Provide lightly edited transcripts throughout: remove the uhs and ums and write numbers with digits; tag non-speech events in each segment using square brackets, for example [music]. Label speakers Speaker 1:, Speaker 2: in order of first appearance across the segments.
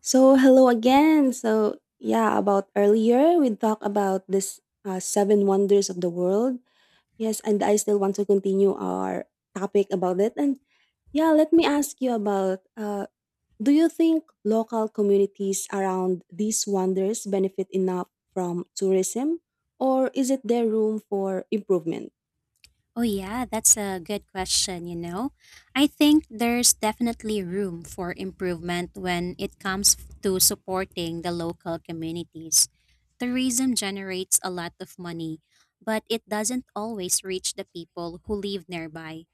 Speaker 1: So hello again. So yeah, about earlier we talked about this seven wonders of the world. Yes, and I still want to continue our topic about it. And yeah, let me ask you about do you think local communities around these wonders benefit enough from tourism, or is it there room for improvement?
Speaker 2: Oh, yeah, that's a good question, you know. I think there's definitely room for improvement when it comes to supporting the local communities. Tourism generates a lot of money, but it doesn't always reach the people who live nearby.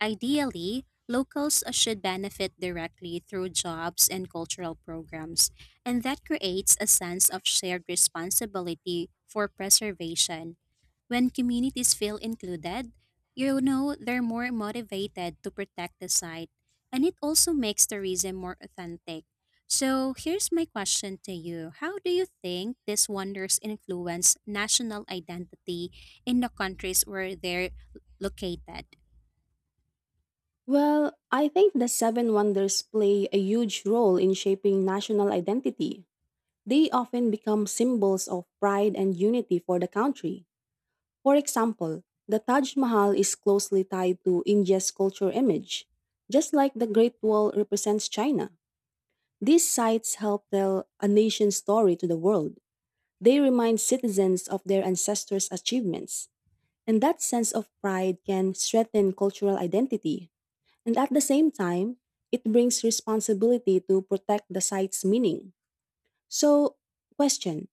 Speaker 2: Ideally, locals should benefit directly through jobs and cultural programs, and that creates a sense of shared responsibility for preservation. When communities feel included, you know, they're more motivated to protect the site, and it also makes tourism more authentic. So, here's my question to you: how do you think these wonders influence national identity in the countries where they're located?
Speaker 1: Well, I think the seven wonders play a huge role in shaping national identity. They often become symbols of pride and unity for the country. For example, the Taj Mahal is closely tied to India's culture image, just like the Great Wall represents China. These sites help tell a nation's story to the world. They remind citizens of their ancestors' achievements, and that sense of pride can strengthen cultural identity. And at the same time, it brings responsibility to protect the site's meaning. So, question,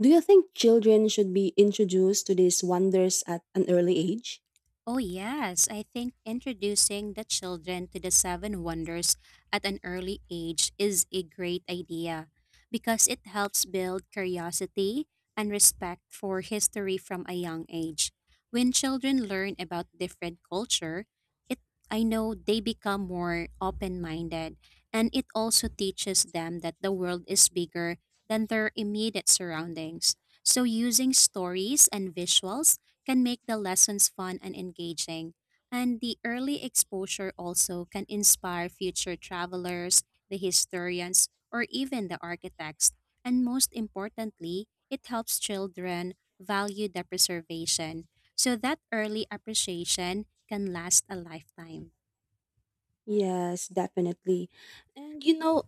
Speaker 1: do you think children should be introduced to these wonders at an early age?
Speaker 2: Oh, yes. I think introducing the children to the seven wonders at an early age is a great idea because it helps build curiosity and respect for history from a young age. When children learn about different culture, it I know they become more open-minded, and it also teaches them that the world is bigger than their immediate surroundings. So using stories and visuals can make the lessons fun and engaging. And the early exposure also can inspire future travelers, the historians, or even the architects. And most importantly, it helps children value the preservation. So that early appreciation can last a lifetime.
Speaker 1: Yes, definitely. And you know,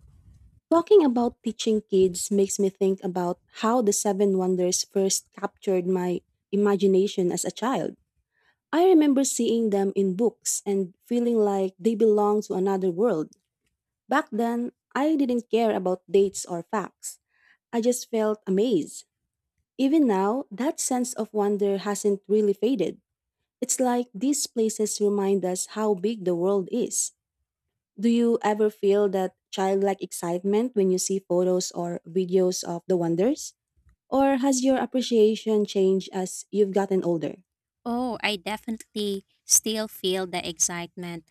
Speaker 1: talking about teaching kids makes me think about how the seven wonders first captured my imagination as a child. I remember seeing them in books and feeling like they belong to another world. Back then, I didn't care about dates or facts. I just felt amazed. Even now, that sense of wonder hasn't really faded. It's like these places remind us how big the world is. Do you ever feel that childlike excitement when you see photos or videos of the wonders? Or has your appreciation changed as you've gotten older?
Speaker 2: Oh, I definitely still feel the excitement,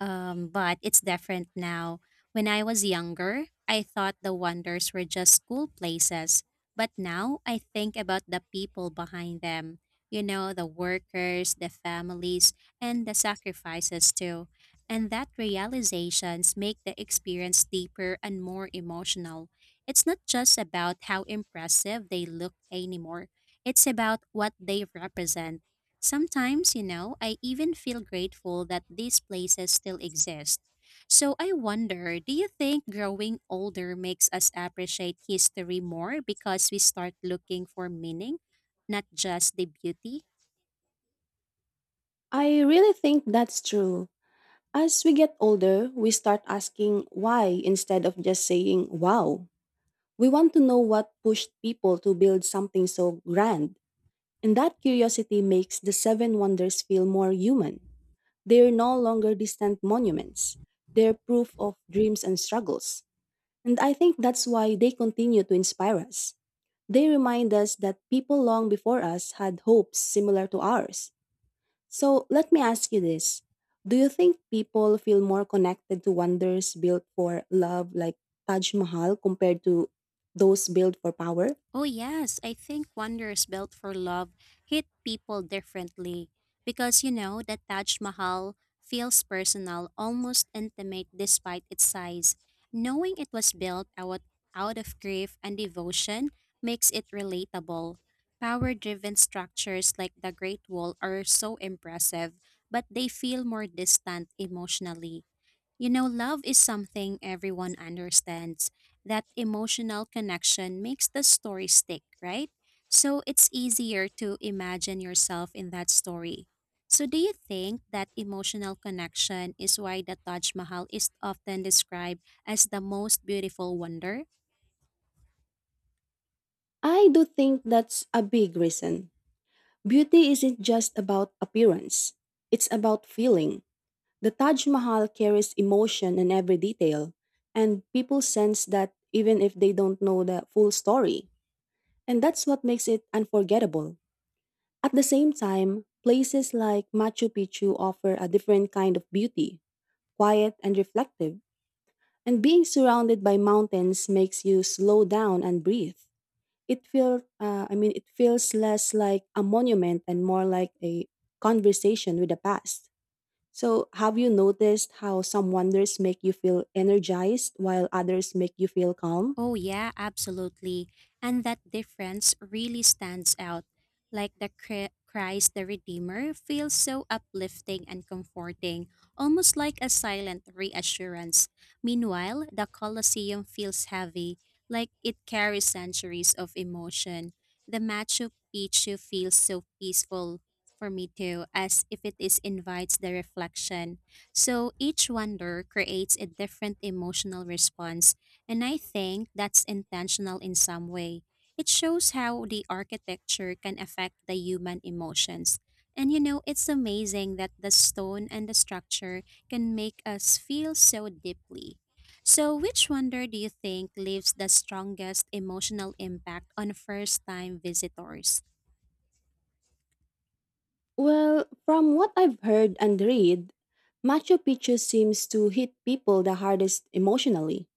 Speaker 2: but it's different now. When I was younger, I thought the wonders were just cool places, but now I think about the people behind them. You know, the workers, the families, and the sacrifices too. And that realizations make the experience deeper and more emotional. It's not just about how impressive they look anymore. It's about what they represent. Sometimes, you know, I even feel grateful that these places still exist. So I wonder, do you think growing older makes us appreciate history more because we start looking for meaning, not just the beauty?
Speaker 1: I really think that's true. As we get older, we start asking why instead of just saying wow. We want to know what pushed people to build something so grand, and that curiosity makes the seven wonders feel more human. They're no longer distant monuments. They're proof of dreams and struggles. And I think that's why they continue to inspire us. They remind us that people long before us had hopes similar to ours. So let me ask you this. Do you think people feel more connected to wonders built for love like Taj Mahal compared to those built for power?
Speaker 2: Oh, yes. I think Wonders Built for Love hit people differently because, you know, the Taj Mahal feels personal, almost intimate despite its size. Knowing it was out of grief and devotion makes it relatable. Power driven structures like the Great Wall are so impressive, but they feel more distant emotionally. You know, love is something everyone understands. That emotional connection makes the story stick, right? So it's easier to imagine yourself in that story. So, do you think that emotional connection is why the Taj Mahal is often described as the most beautiful wonder?
Speaker 1: I do think that's a big reason. Beauty isn't just about appearance, it's about feeling. The Taj Mahal carries emotion in every detail, and people sense that even if they don't know the full story. And that's what makes it unforgettable. At the same time, places like Machu Picchu offer a different kind of beauty, quiet and reflective. And being surrounded by mountains makes you slow down and breathe. It feels I mean, it feels less like a monument and more like a conversation with the past. So, have you noticed how some wonders make you feel energized while others make you feel calm?
Speaker 2: Oh, yeah, absolutely. And that difference really stands out. Like the Christ the Redeemer feels so uplifting and comforting, almost like a silent reassurance. Meanwhile, the Colosseum feels heavy, like it carries centuries of emotion. The Machu Picchu feels so peaceful for me too, as if it is invites the reflection. So each wonder creates a different emotional response, and I think that's intentional in some way. It shows how the architecture can affect the human emotions. And you know, it's amazing that the stone and the structure can make us feel so deeply. So, which wonder do you think leaves the strongest emotional impact on first time visitors?
Speaker 1: Well, from what I've heard and read, Machu Picchu seems to hit people the hardest emotionally.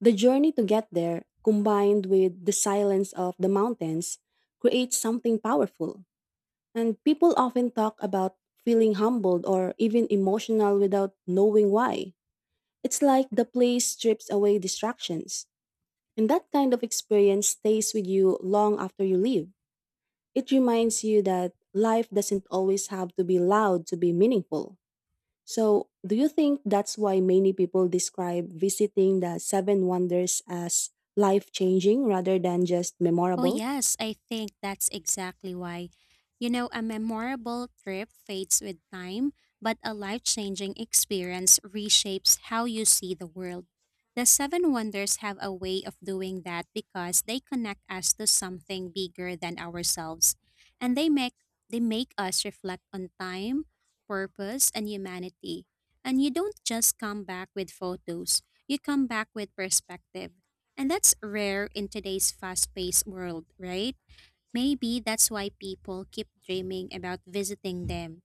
Speaker 1: The journey to get there, combined with the silence of the mountains, creates something powerful. And people often talk about feeling humbled or even emotional without knowing why. It's like the place strips away distractions. And that kind of experience stays with you long after you leave. It reminds you that life doesn't always have to be loud to be meaningful. So, do you think that's why many people describe visiting the Seven Wonders as life changing rather than just
Speaker 2: Oh,
Speaker 1: memorable?
Speaker 2: yes, I think that's exactly why. You know, a memorable trip fades with time, but a life changing experience reshapes how you see the world. The Seven Wonders have a way of doing that because they connect us to something bigger than ourselves, and they make us reflect on time, purpose, and humanity. And you don't just come back with photos, you come back with perspective. And that's rare in today's fast paced world, right? Maybe that's why people keep dreaming about visiting them.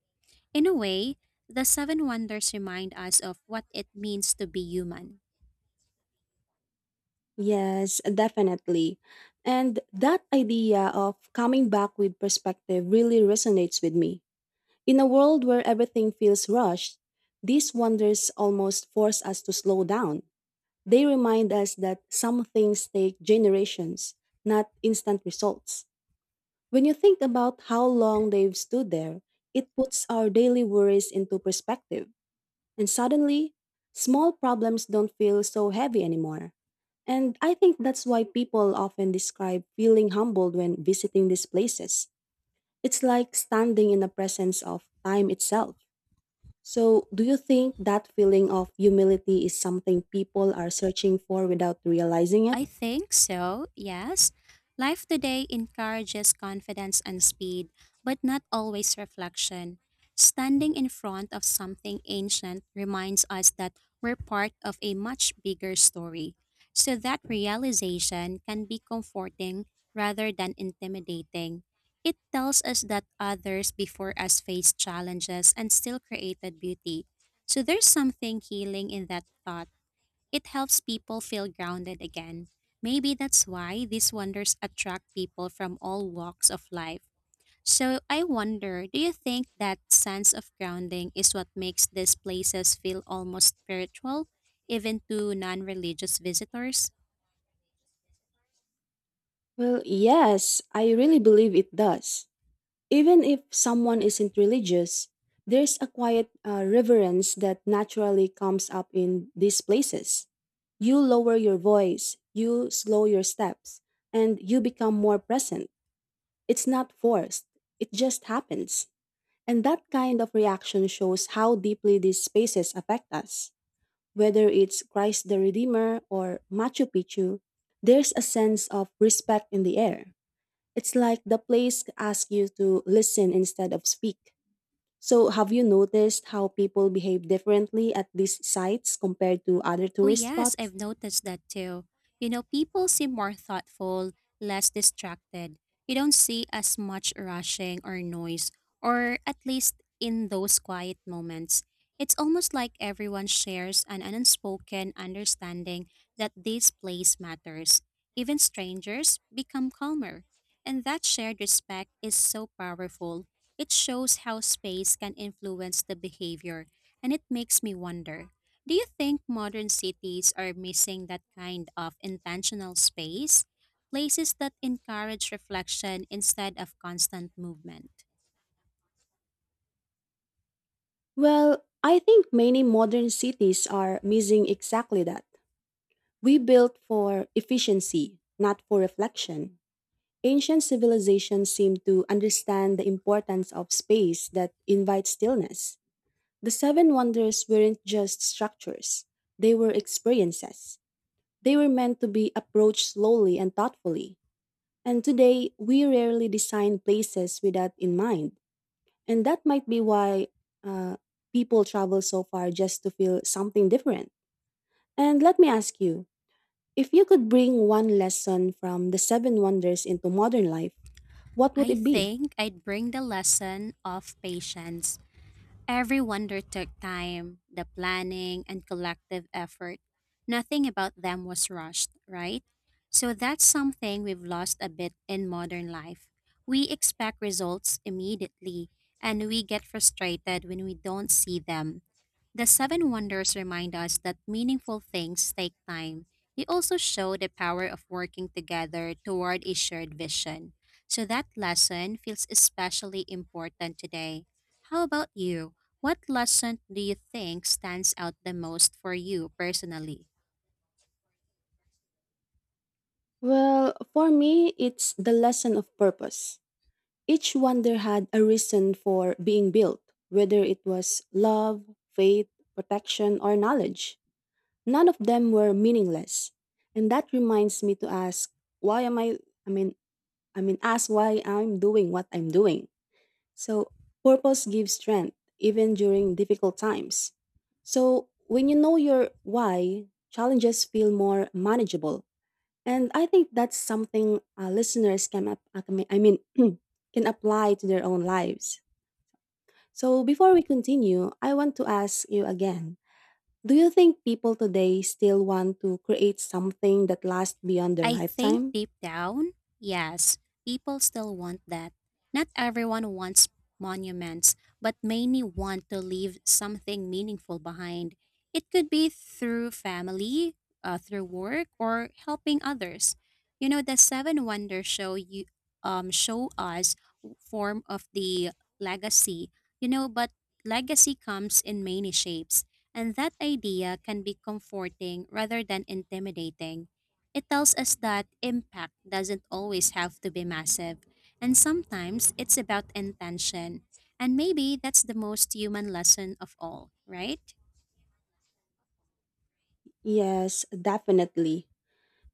Speaker 2: In a way, the Seven Wonders remind us of what it means to be human.
Speaker 1: Yes, definitely. And that idea of coming back with perspective really resonates with me. In a world where everything feels rushed, these wonders almost force us to slow down. They remind us that some things take generations, not instant results. When you think about how long they've stood there, it puts our daily worries into perspective. And suddenly, small problems don't feel so heavy anymore. And I think that's why people often describe feeling humbled when visiting these places. It's like standing in the presence of time itself. So, do you think that feeling of humility is something people are searching for without realizing it?
Speaker 2: I think so, yes. Life today encourages confidence and speed, but not always reflection. Standing in front of something ancient reminds us that we're part of a much bigger story. So that realization can be comforting rather than intimidating. It tells us that others before us faced challenges and still created beauty. So there's something healing in that thought. It helps people feel grounded again. Maybe that's why these wonders attract people from all walks of life. So I wonder, do you think that sense of grounding is what makes these places feel almost spiritual, even to non religious visitors?
Speaker 1: Well, yes, I really believe it does. Even if someone isn't religious, there's a quiet reverence that naturally comes up in these places. You lower your voice, you slow your steps, and you become more present. It's not forced, it just happens. And that kind of reaction shows how deeply these spaces affect us. Whether it's Christ the Redeemer or Machu Picchu, there's a sense of respect in the air. It's like the place asks you to listen instead of speak. So, have you noticed how people behave differently at these sites compared to other
Speaker 2: Oh,
Speaker 1: tourist
Speaker 2: yes,
Speaker 1: spots?
Speaker 2: I've noticed that too. You know, people seem more thoughtful, less distracted. You don't see as much rushing or noise, or at least in those quiet moments. It's almost like everyone shares an unspoken understanding that this place matters. Even strangers become calmer. And that shared respect is so powerful. It shows how space can influence the behavior, and it makes me wonder. Do you think modern cities are missing that kind of intentional space? Places that encourage reflection instead of constant movement?
Speaker 1: Well, I think many modern cities are missing exactly that. We built for efficiency, not for reflection. Ancient civilizations seem to understand the importance of space that invites stillness. The Seven Wonders weren't just structures, they were experiences. They were meant to be approached slowly and thoughtfully. And today, we rarely design places with that in mind. And that might be why uh, people travel so far just to feel something different. And let me ask you, if you could bring one lesson from the seven wonders into modern life, what would
Speaker 2: I
Speaker 1: it be?
Speaker 2: think I'd bring the lesson of patience. Everyone there took time, the planning, and collective effort. Nothing about them was rushed, right? So that's something we've lost a bit in modern life. We expect results immediately, and we get frustrated when we don't see them. The Seven Wonders remind us that meaningful things take time. They also show the power of working together toward a shared vision. So that lesson feels especially important today. How about you? What lesson do you think stands out the most for you personally?
Speaker 1: Well, for me, it's the lesson of purpose. Each wonder had a reason for being built, whether it was love, faith, protection, or knowledge. None of them were meaningless. And that reminds me to ask, why am I mean, I mean, ask why I'm doing what I'm doing. So, purpose gives strength, even during difficult times. So, when you know your why, challenges feel more manageable. And I think that's something listeners can [clears throat] can apply to their own lives. So, before we continue, I want to ask you again, do you think people today still want to create something that lasts beyond their
Speaker 2: I think
Speaker 1: lifetime?
Speaker 2: deep down, yes, people still want that. Not everyone wants monuments, but many want to leave something meaningful behind. It could be through family, through work, or helping others. You know, the Seven Wonders show you show us form of the legacy. You know, but legacy comes in many shapes, and that idea can be comforting rather than intimidating. It tells us that impact doesn't always have to be massive, and sometimes it's about intention. And maybe that's the most human lesson of all, right?
Speaker 1: Yes, definitely.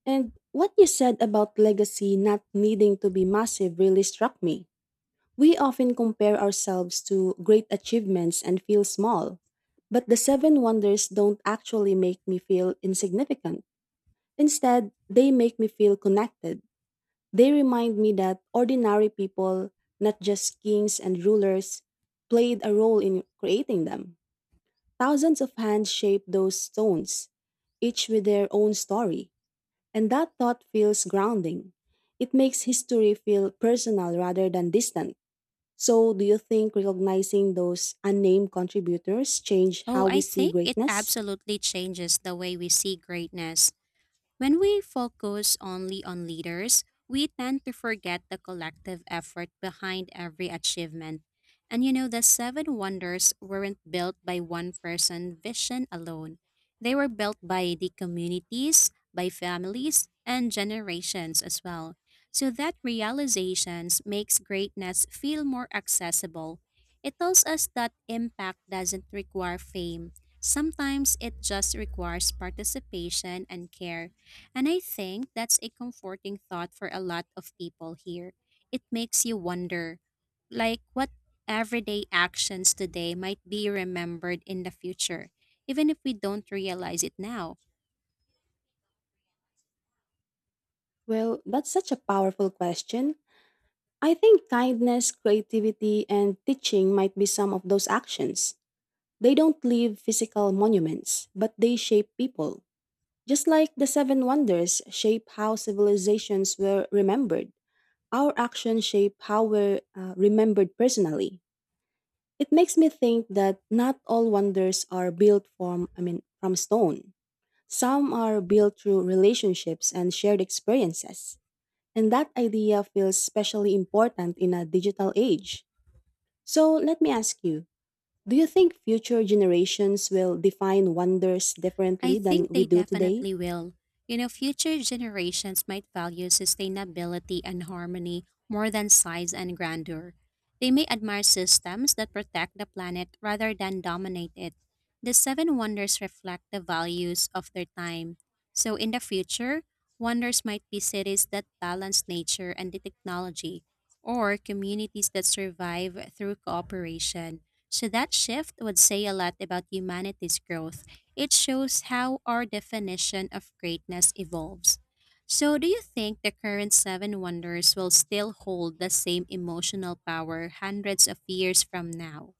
Speaker 1: And what you said about legacy not needing to be massive really struck me. We often compare ourselves to great achievements and feel small. But the seven wonders don't actually make me feel insignificant. Instead, they make me feel connected. They remind me that ordinary people, not just kings and rulers, played a role in creating them. Thousands of hands shaped those stones, each with their own story, and that thought feels grounding. It makes history feel personal rather than distant. So, do you think recognizing those unnamed contributors change
Speaker 2: Oh,
Speaker 1: how we
Speaker 2: I
Speaker 1: see
Speaker 2: think it
Speaker 1: greatness?
Speaker 2: absolutely changes the way we see greatness. When we focus only on leaders, we tend to forget the collective effort behind every achievement. And you know, the seven wonders weren't built by one person's vision alone. They were built by the communities, by families, and generations as well. So that realizations makes greatness feel more accessible. It tells us that impact doesn't require fame. Sometimes it just requires participation and care. And I think that's a comforting thought for a lot of people here. It makes you wonder, like, what everyday actions today might be remembered in the future, even if we don't realize it now.
Speaker 1: Well, that's such a powerful question. I think kindness, creativity, and teaching might be some of those actions. They don't leave physical monuments, but they shape people. Just like the Seven Wonders shape how civilizations were remembered, our actions shape how we're remembered personally. It makes me think that not all wonders are built from stone. Some are built through relationships and shared experiences. And that idea feels especially important in a digital age. So let me ask you, do you think future generations will define wonders
Speaker 2: I
Speaker 1: differently than
Speaker 2: think
Speaker 1: we
Speaker 2: they
Speaker 1: do today?
Speaker 2: definitely will. You know, future generations might value sustainability and harmony more than size and grandeur. They may admire systems that protect the planet rather than dominate it. The Seven Wonders reflect the values of their time. So, in the future, wonders might be cities that balance nature and the technology, or communities that survive through cooperation. So, that shift would say a lot about humanity's growth. It shows how our definition of greatness evolves. So, do you think the current seven wonders will still hold the same emotional power hundreds of years from now?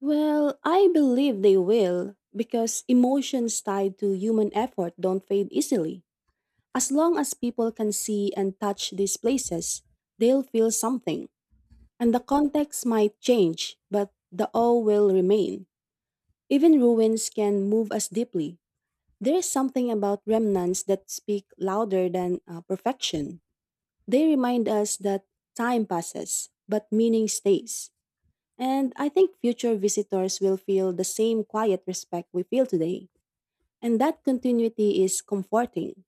Speaker 1: Well, I believe they will because emotions tied to human effort don't fade easily. As long as people can see and touch these places, they'll feel something. And the context might change, but the awe will remain. Even ruins can move us deeply. There is something about remnants that speak louder than perfection. They remind us that time passes, but meaning stays. And I think future visitors will feel the same quiet respect we feel today. And that continuity is comforting.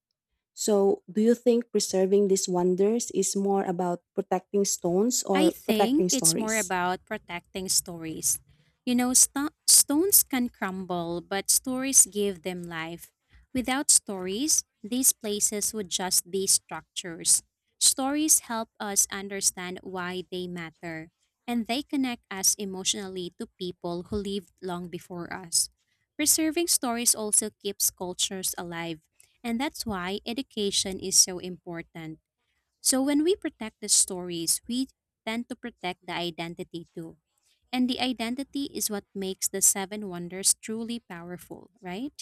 Speaker 1: So, do you think preserving these wonders is more about protecting stones
Speaker 2: I
Speaker 1: or
Speaker 2: think
Speaker 1: protecting
Speaker 2: it's more
Speaker 1: stories?
Speaker 2: about protecting stories. You know, stones can crumble, but stories give them life. Without stories, these places would just be structures. Stories help us understand why they matter, and they connect us emotionally to people who lived long before us. Preserving stories also keeps cultures alive, and that's why education is so important. So when we protect the stories, we tend to protect the identity too. And the identity is what makes the seven wonders truly powerful, right?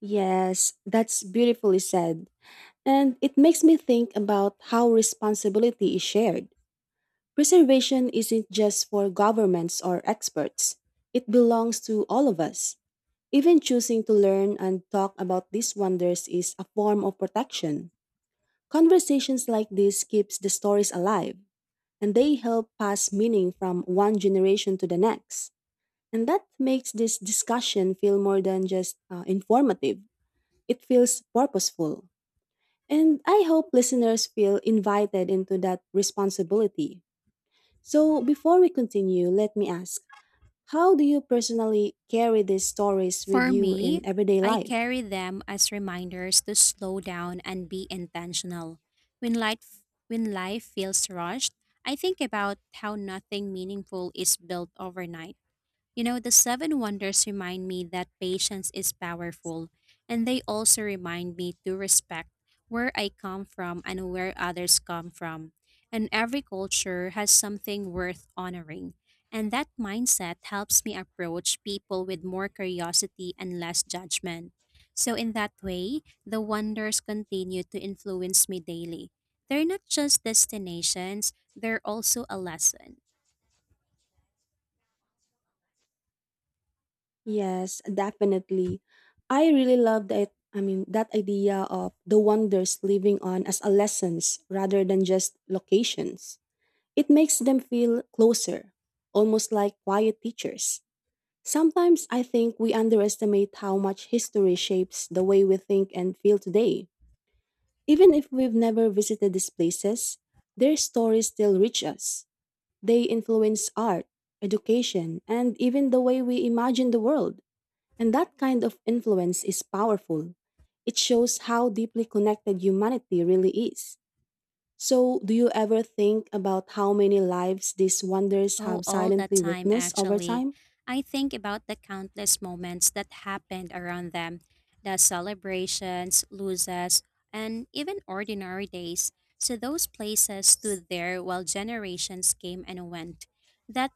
Speaker 1: Yes, that's beautifully said. And it makes me think about how responsibility is shared. Preservation isn't just for governments or experts, it belongs to all of us. Even choosing to learn and talk about these wonders is a form of protection. Conversations like this keeps the stories alive, and they help pass meaning from one generation to the next. And that makes this discussion feel more than just informative. It feels purposeful. And I hope listeners feel invited into that responsibility. So, before we continue, let me ask, how do you personally carry these stories with
Speaker 2: For
Speaker 1: you
Speaker 2: me,
Speaker 1: in everyday
Speaker 2: I
Speaker 1: life?
Speaker 2: carry them as reminders to slow down and be intentional. When life feels rushed, I think about how nothing meaningful is built overnight. You know, the seven wonders remind me that patience is powerful, and they also remind me to respect where I come from and where others come from. And every culture has something worth honoring. And that mindset helps me approach people with more curiosity and less judgment. So, in that way, the wonders continue to influence me daily. They're not just destinations, they're also a lesson.
Speaker 1: Yes, definitely. I really love that. I mean, that idea of the wonders living on as a lessons rather than just locations. It makes them feel closer, almost like quiet teachers. Sometimes I think we underestimate how much history shapes the way we think and feel today. Even if we've never visited these places, their stories still reach us. They influence art, education, and even the way we imagine the world. And that kind of influence is powerful. It shows how deeply connected humanity really is. So, do you ever think about how many lives these wonders
Speaker 2: Oh,
Speaker 1: have
Speaker 2: all that
Speaker 1: silently
Speaker 2: time,
Speaker 1: witnessed over
Speaker 2: actually.
Speaker 1: time?
Speaker 2: I think about the countless moments that happened around them: the celebrations, losses, and even ordinary days. So those places stood there while generations came and went. That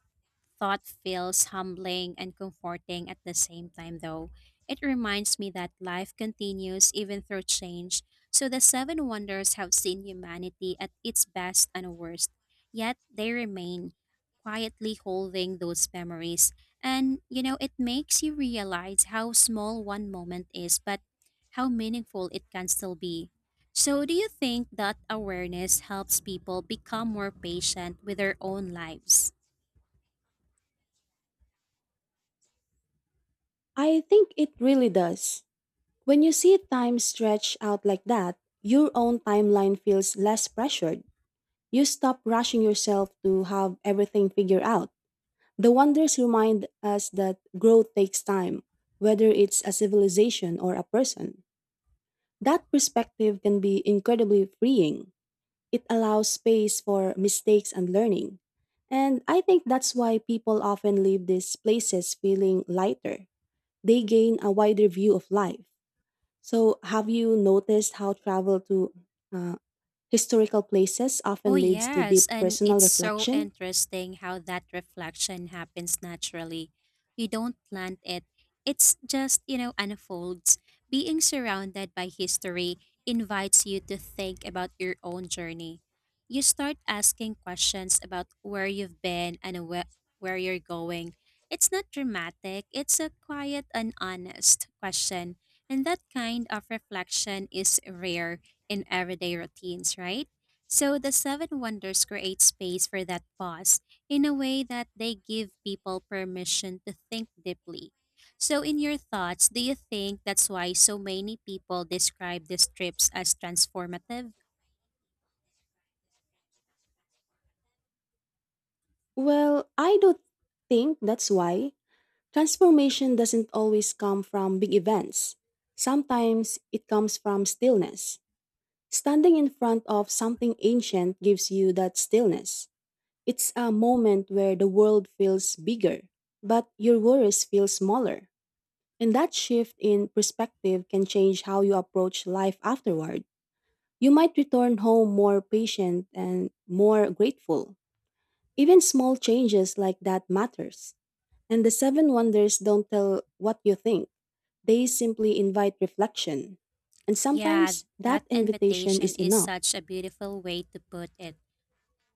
Speaker 2: thought feels humbling and comforting at the same time, though. It reminds me that life continues even through change, so the seven wonders have seen humanity at its best and worst, yet they remain quietly holding those memories. And, you know, it makes you realize how small one moment is, but how meaningful it can still be. So, do you think that awareness helps people become more patient with their own lives?
Speaker 1: I think it really does. When you see time stretch out like that, your own timeline feels less pressured. You stop rushing yourself to have everything figured out. The wonders remind us that growth takes time, whether it's a civilization or a person. That perspective can be incredibly freeing. It allows space for mistakes and learning. And I think that's why people often leave these places feeling lighter. They gain a wider view of life. So, have you noticed how travel to uh, historical places
Speaker 2: Oh,
Speaker 1: often leads to
Speaker 2: yes.
Speaker 1: deep
Speaker 2: And
Speaker 1: personal
Speaker 2: it's so
Speaker 1: reflection?
Speaker 2: interesting how that reflection happens naturally. You don't plant it, it's just, you know, unfolds. Being surrounded by history invites you to think about your own journey. You start asking questions about where you've been and where you're going. It's not dramatic, it's a quiet and honest question. And that kind of reflection is rare in everyday routines, right? So the seven wonders create space for that pause in a way that they give people permission to think deeply. So, in your thoughts, do you think that's why so many people describe these trips as transformative?
Speaker 1: Well, I don't think that's why. Transformation doesn't always come from big events. Sometimes it comes from stillness. Standing in front of something ancient gives you that stillness. It's a moment where the world feels bigger, but your worries feel smaller. And that shift in perspective can change how you approach life afterward. You might return home more patient and more grateful. Even small changes like that matters. And the seven wonders don't tell what you think. They simply invite reflection. And
Speaker 2: Yeah,
Speaker 1: sometimes
Speaker 2: that
Speaker 1: that invitation
Speaker 2: invitation
Speaker 1: is
Speaker 2: is
Speaker 1: enough.
Speaker 2: such a beautiful way to put it.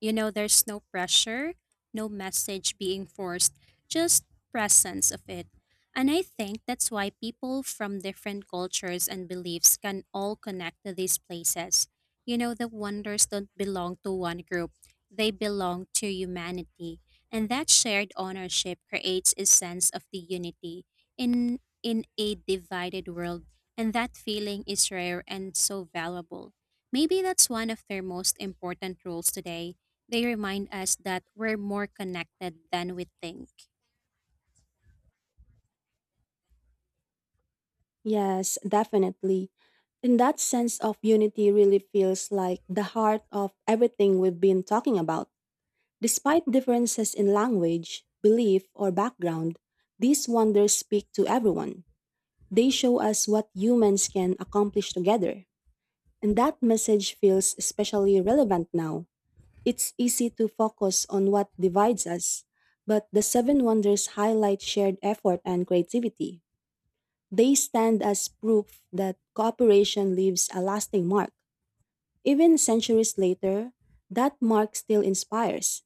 Speaker 2: You know, there's no pressure, no message being forced, just presence of it. And I think that's why people from different cultures and beliefs can all connect to these places. You know, the wonders don't belong to one group, they belong to humanity. And that shared ownership creates a sense of the unity in a divided world. And that feeling is rare and so valuable. Maybe that's one of their most important roles today they remind us that we're more connected than we think.
Speaker 1: Yes, definitely. And that sense of unity really feels like the heart of everything we've been talking about. Despite differences in language, belief, or background, these wonders speak to everyone. They show us what humans can accomplish together. And that message feels especially relevant now. It's easy to focus on what divides us, but the seven wonders highlight shared effort and creativity. They stand as proof that cooperation leaves a lasting mark. Even centuries later, that mark still inspires.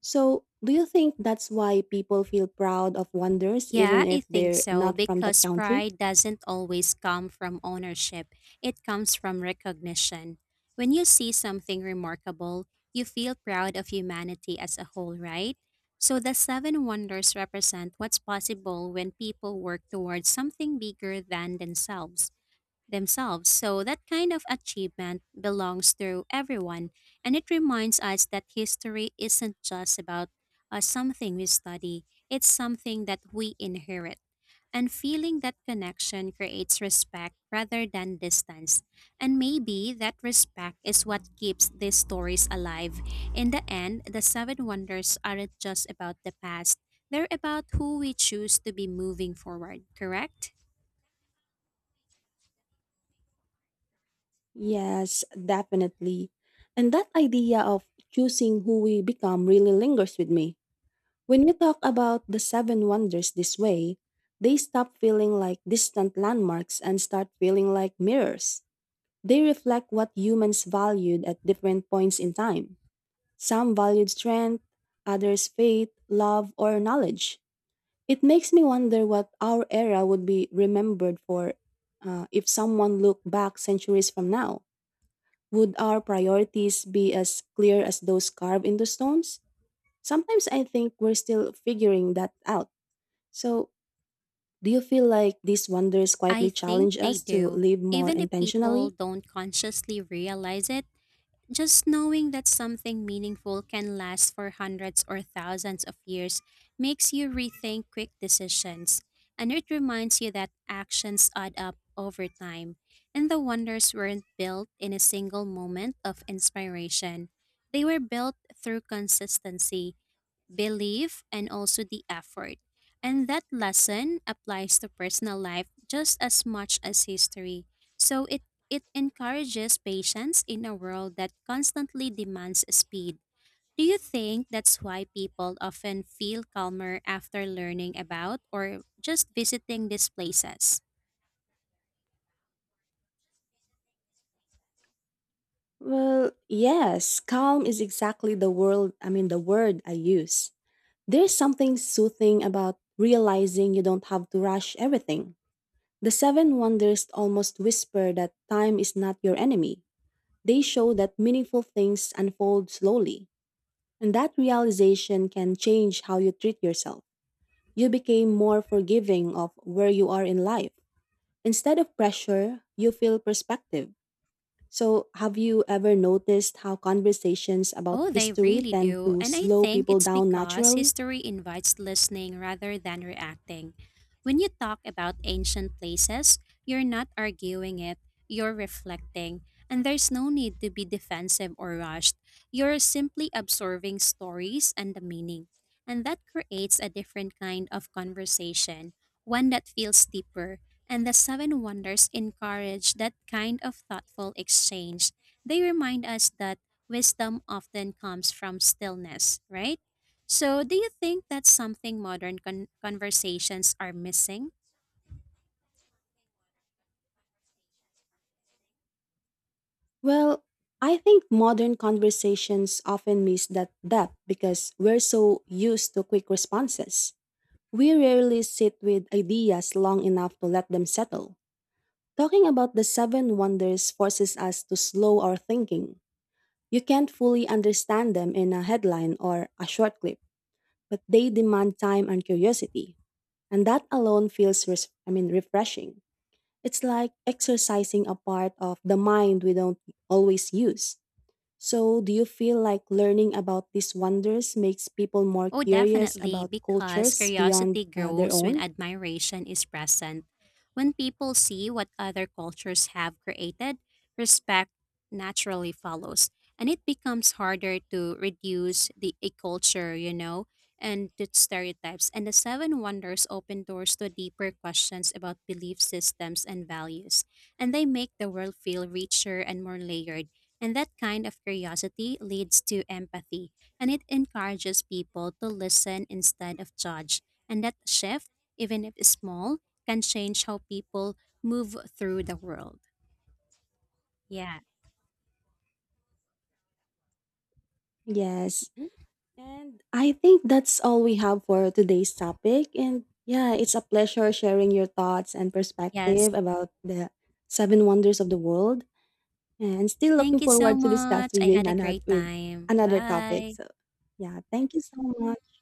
Speaker 1: So, do you think that's why people feel proud of wonders
Speaker 2: Yeah,
Speaker 1: even
Speaker 2: I
Speaker 1: if
Speaker 2: think
Speaker 1: they're
Speaker 2: so,
Speaker 1: not from that
Speaker 2: because
Speaker 1: country?
Speaker 2: pride doesn't always come from ownership, it comes from recognition. When you see something remarkable, you feel proud of humanity as a whole, right? So the seven wonders represent what's possible when people work towards something bigger than themselves. So that kind of achievement belongs to everyone, and it reminds us that history isn't just about something we study, it's something that we inherit. And feeling that connection creates respect rather than distance. And maybe that respect is what keeps these stories alive. In the end, the seven wonders aren't just about the past, they're about who we choose to be moving forward, correct?
Speaker 1: Yes, definitely. And that idea of choosing who we become really lingers with me. When you talk about the seven wonders this way, they stop feeling like distant landmarks and start feeling like mirrors. They reflect what humans valued at different points in time. Some valued strength, others faith, love, or knowledge. It makes me wonder what our era would be remembered for if someone looked back centuries from now. Would our priorities be as clear as those carved into stones? Sometimes I think we're still figuring that out. So, do you feel like these wonders
Speaker 2: I
Speaker 1: quietly
Speaker 2: think
Speaker 1: challenge
Speaker 2: they
Speaker 1: us to
Speaker 2: do,
Speaker 1: live more
Speaker 2: even if people
Speaker 1: intentionally?
Speaker 2: don't consciously realize it. Just knowing that something meaningful can last for hundreds or thousands of years makes you rethink quick decisions, and it reminds you that actions add up over time, and the wonders weren't built in a single moment of inspiration. They were built through consistency belief, and also the effort. And that lesson applies to personal life just as much as history. So it encourages patience in a world that constantly demands speed. Do you think that's why people often feel calmer after learning about or just visiting these places?
Speaker 1: Well, yes, calm is exactly the world, I mean the word I use. There's something soothing about realizing you don't have to rush everything. The seven wonders almost whisper that time is not your enemy. They show that meaningful things unfold slowly. And that realization can change how you treat yourself. You became more forgiving of where you are in life. Instead of pressure, you feel perspective. So, have you ever noticed how conversations about
Speaker 2: Oh, they
Speaker 1: history
Speaker 2: really
Speaker 1: tend
Speaker 2: do.
Speaker 1: to
Speaker 2: And I
Speaker 1: slow
Speaker 2: think
Speaker 1: people
Speaker 2: it's
Speaker 1: down
Speaker 2: because
Speaker 1: naturally?
Speaker 2: history invites listening rather than reacting. When you talk about ancient places, you're not arguing it, you're reflecting. And there's no need to be defensive or rushed. You're simply absorbing stories and the meaning. And that creates a different kind of conversation, one that feels deeper. And the Seven Wonders encourage that kind of thoughtful exchange. They remind us that wisdom often comes from stillness, right? So, do you think that's something modern conversations are missing?
Speaker 1: Well, I think modern conversations often miss that depth because we're so used to quick responses. We rarely sit with ideas long enough to let them settle. Talking about the seven wonders forces us to slow our thinking. You can't fully understand them in a headline or a short clip, but they demand time and curiosity. And that alone feels refreshing. It's like exercising a part of the mind we don't always use. So, do you feel like learning about these wonders makes people more
Speaker 2: Oh,
Speaker 1: curious
Speaker 2: definitely,
Speaker 1: about
Speaker 2: because
Speaker 1: cultures beyond
Speaker 2: curiosity
Speaker 1: their
Speaker 2: grows when
Speaker 1: own?
Speaker 2: admiration is present. When people see what other cultures have created, respect naturally follows, and it becomes harder to reduce the a culture, you know, and to stereotypes. And the seven wonders open doors to deeper questions about belief systems and values, and they make the world feel richer and more layered. And that kind of curiosity leads to empathy and it encourages people to listen instead of judge. And that shift, even if small, can change how people move through the world. Yeah.
Speaker 1: Yes, and I think that's all we have for today's topic. And yeah, it's a pleasure sharing your thoughts and perspective
Speaker 2: Yes.
Speaker 1: about the seven wonders of the world. And still looking
Speaker 2: Thank you so
Speaker 1: forward to discuss
Speaker 2: much.
Speaker 1: with
Speaker 2: I
Speaker 1: you in
Speaker 2: had a
Speaker 1: another
Speaker 2: great
Speaker 1: with
Speaker 2: time.
Speaker 1: another topic.
Speaker 2: Bye.
Speaker 1: So yeah, thank you so much.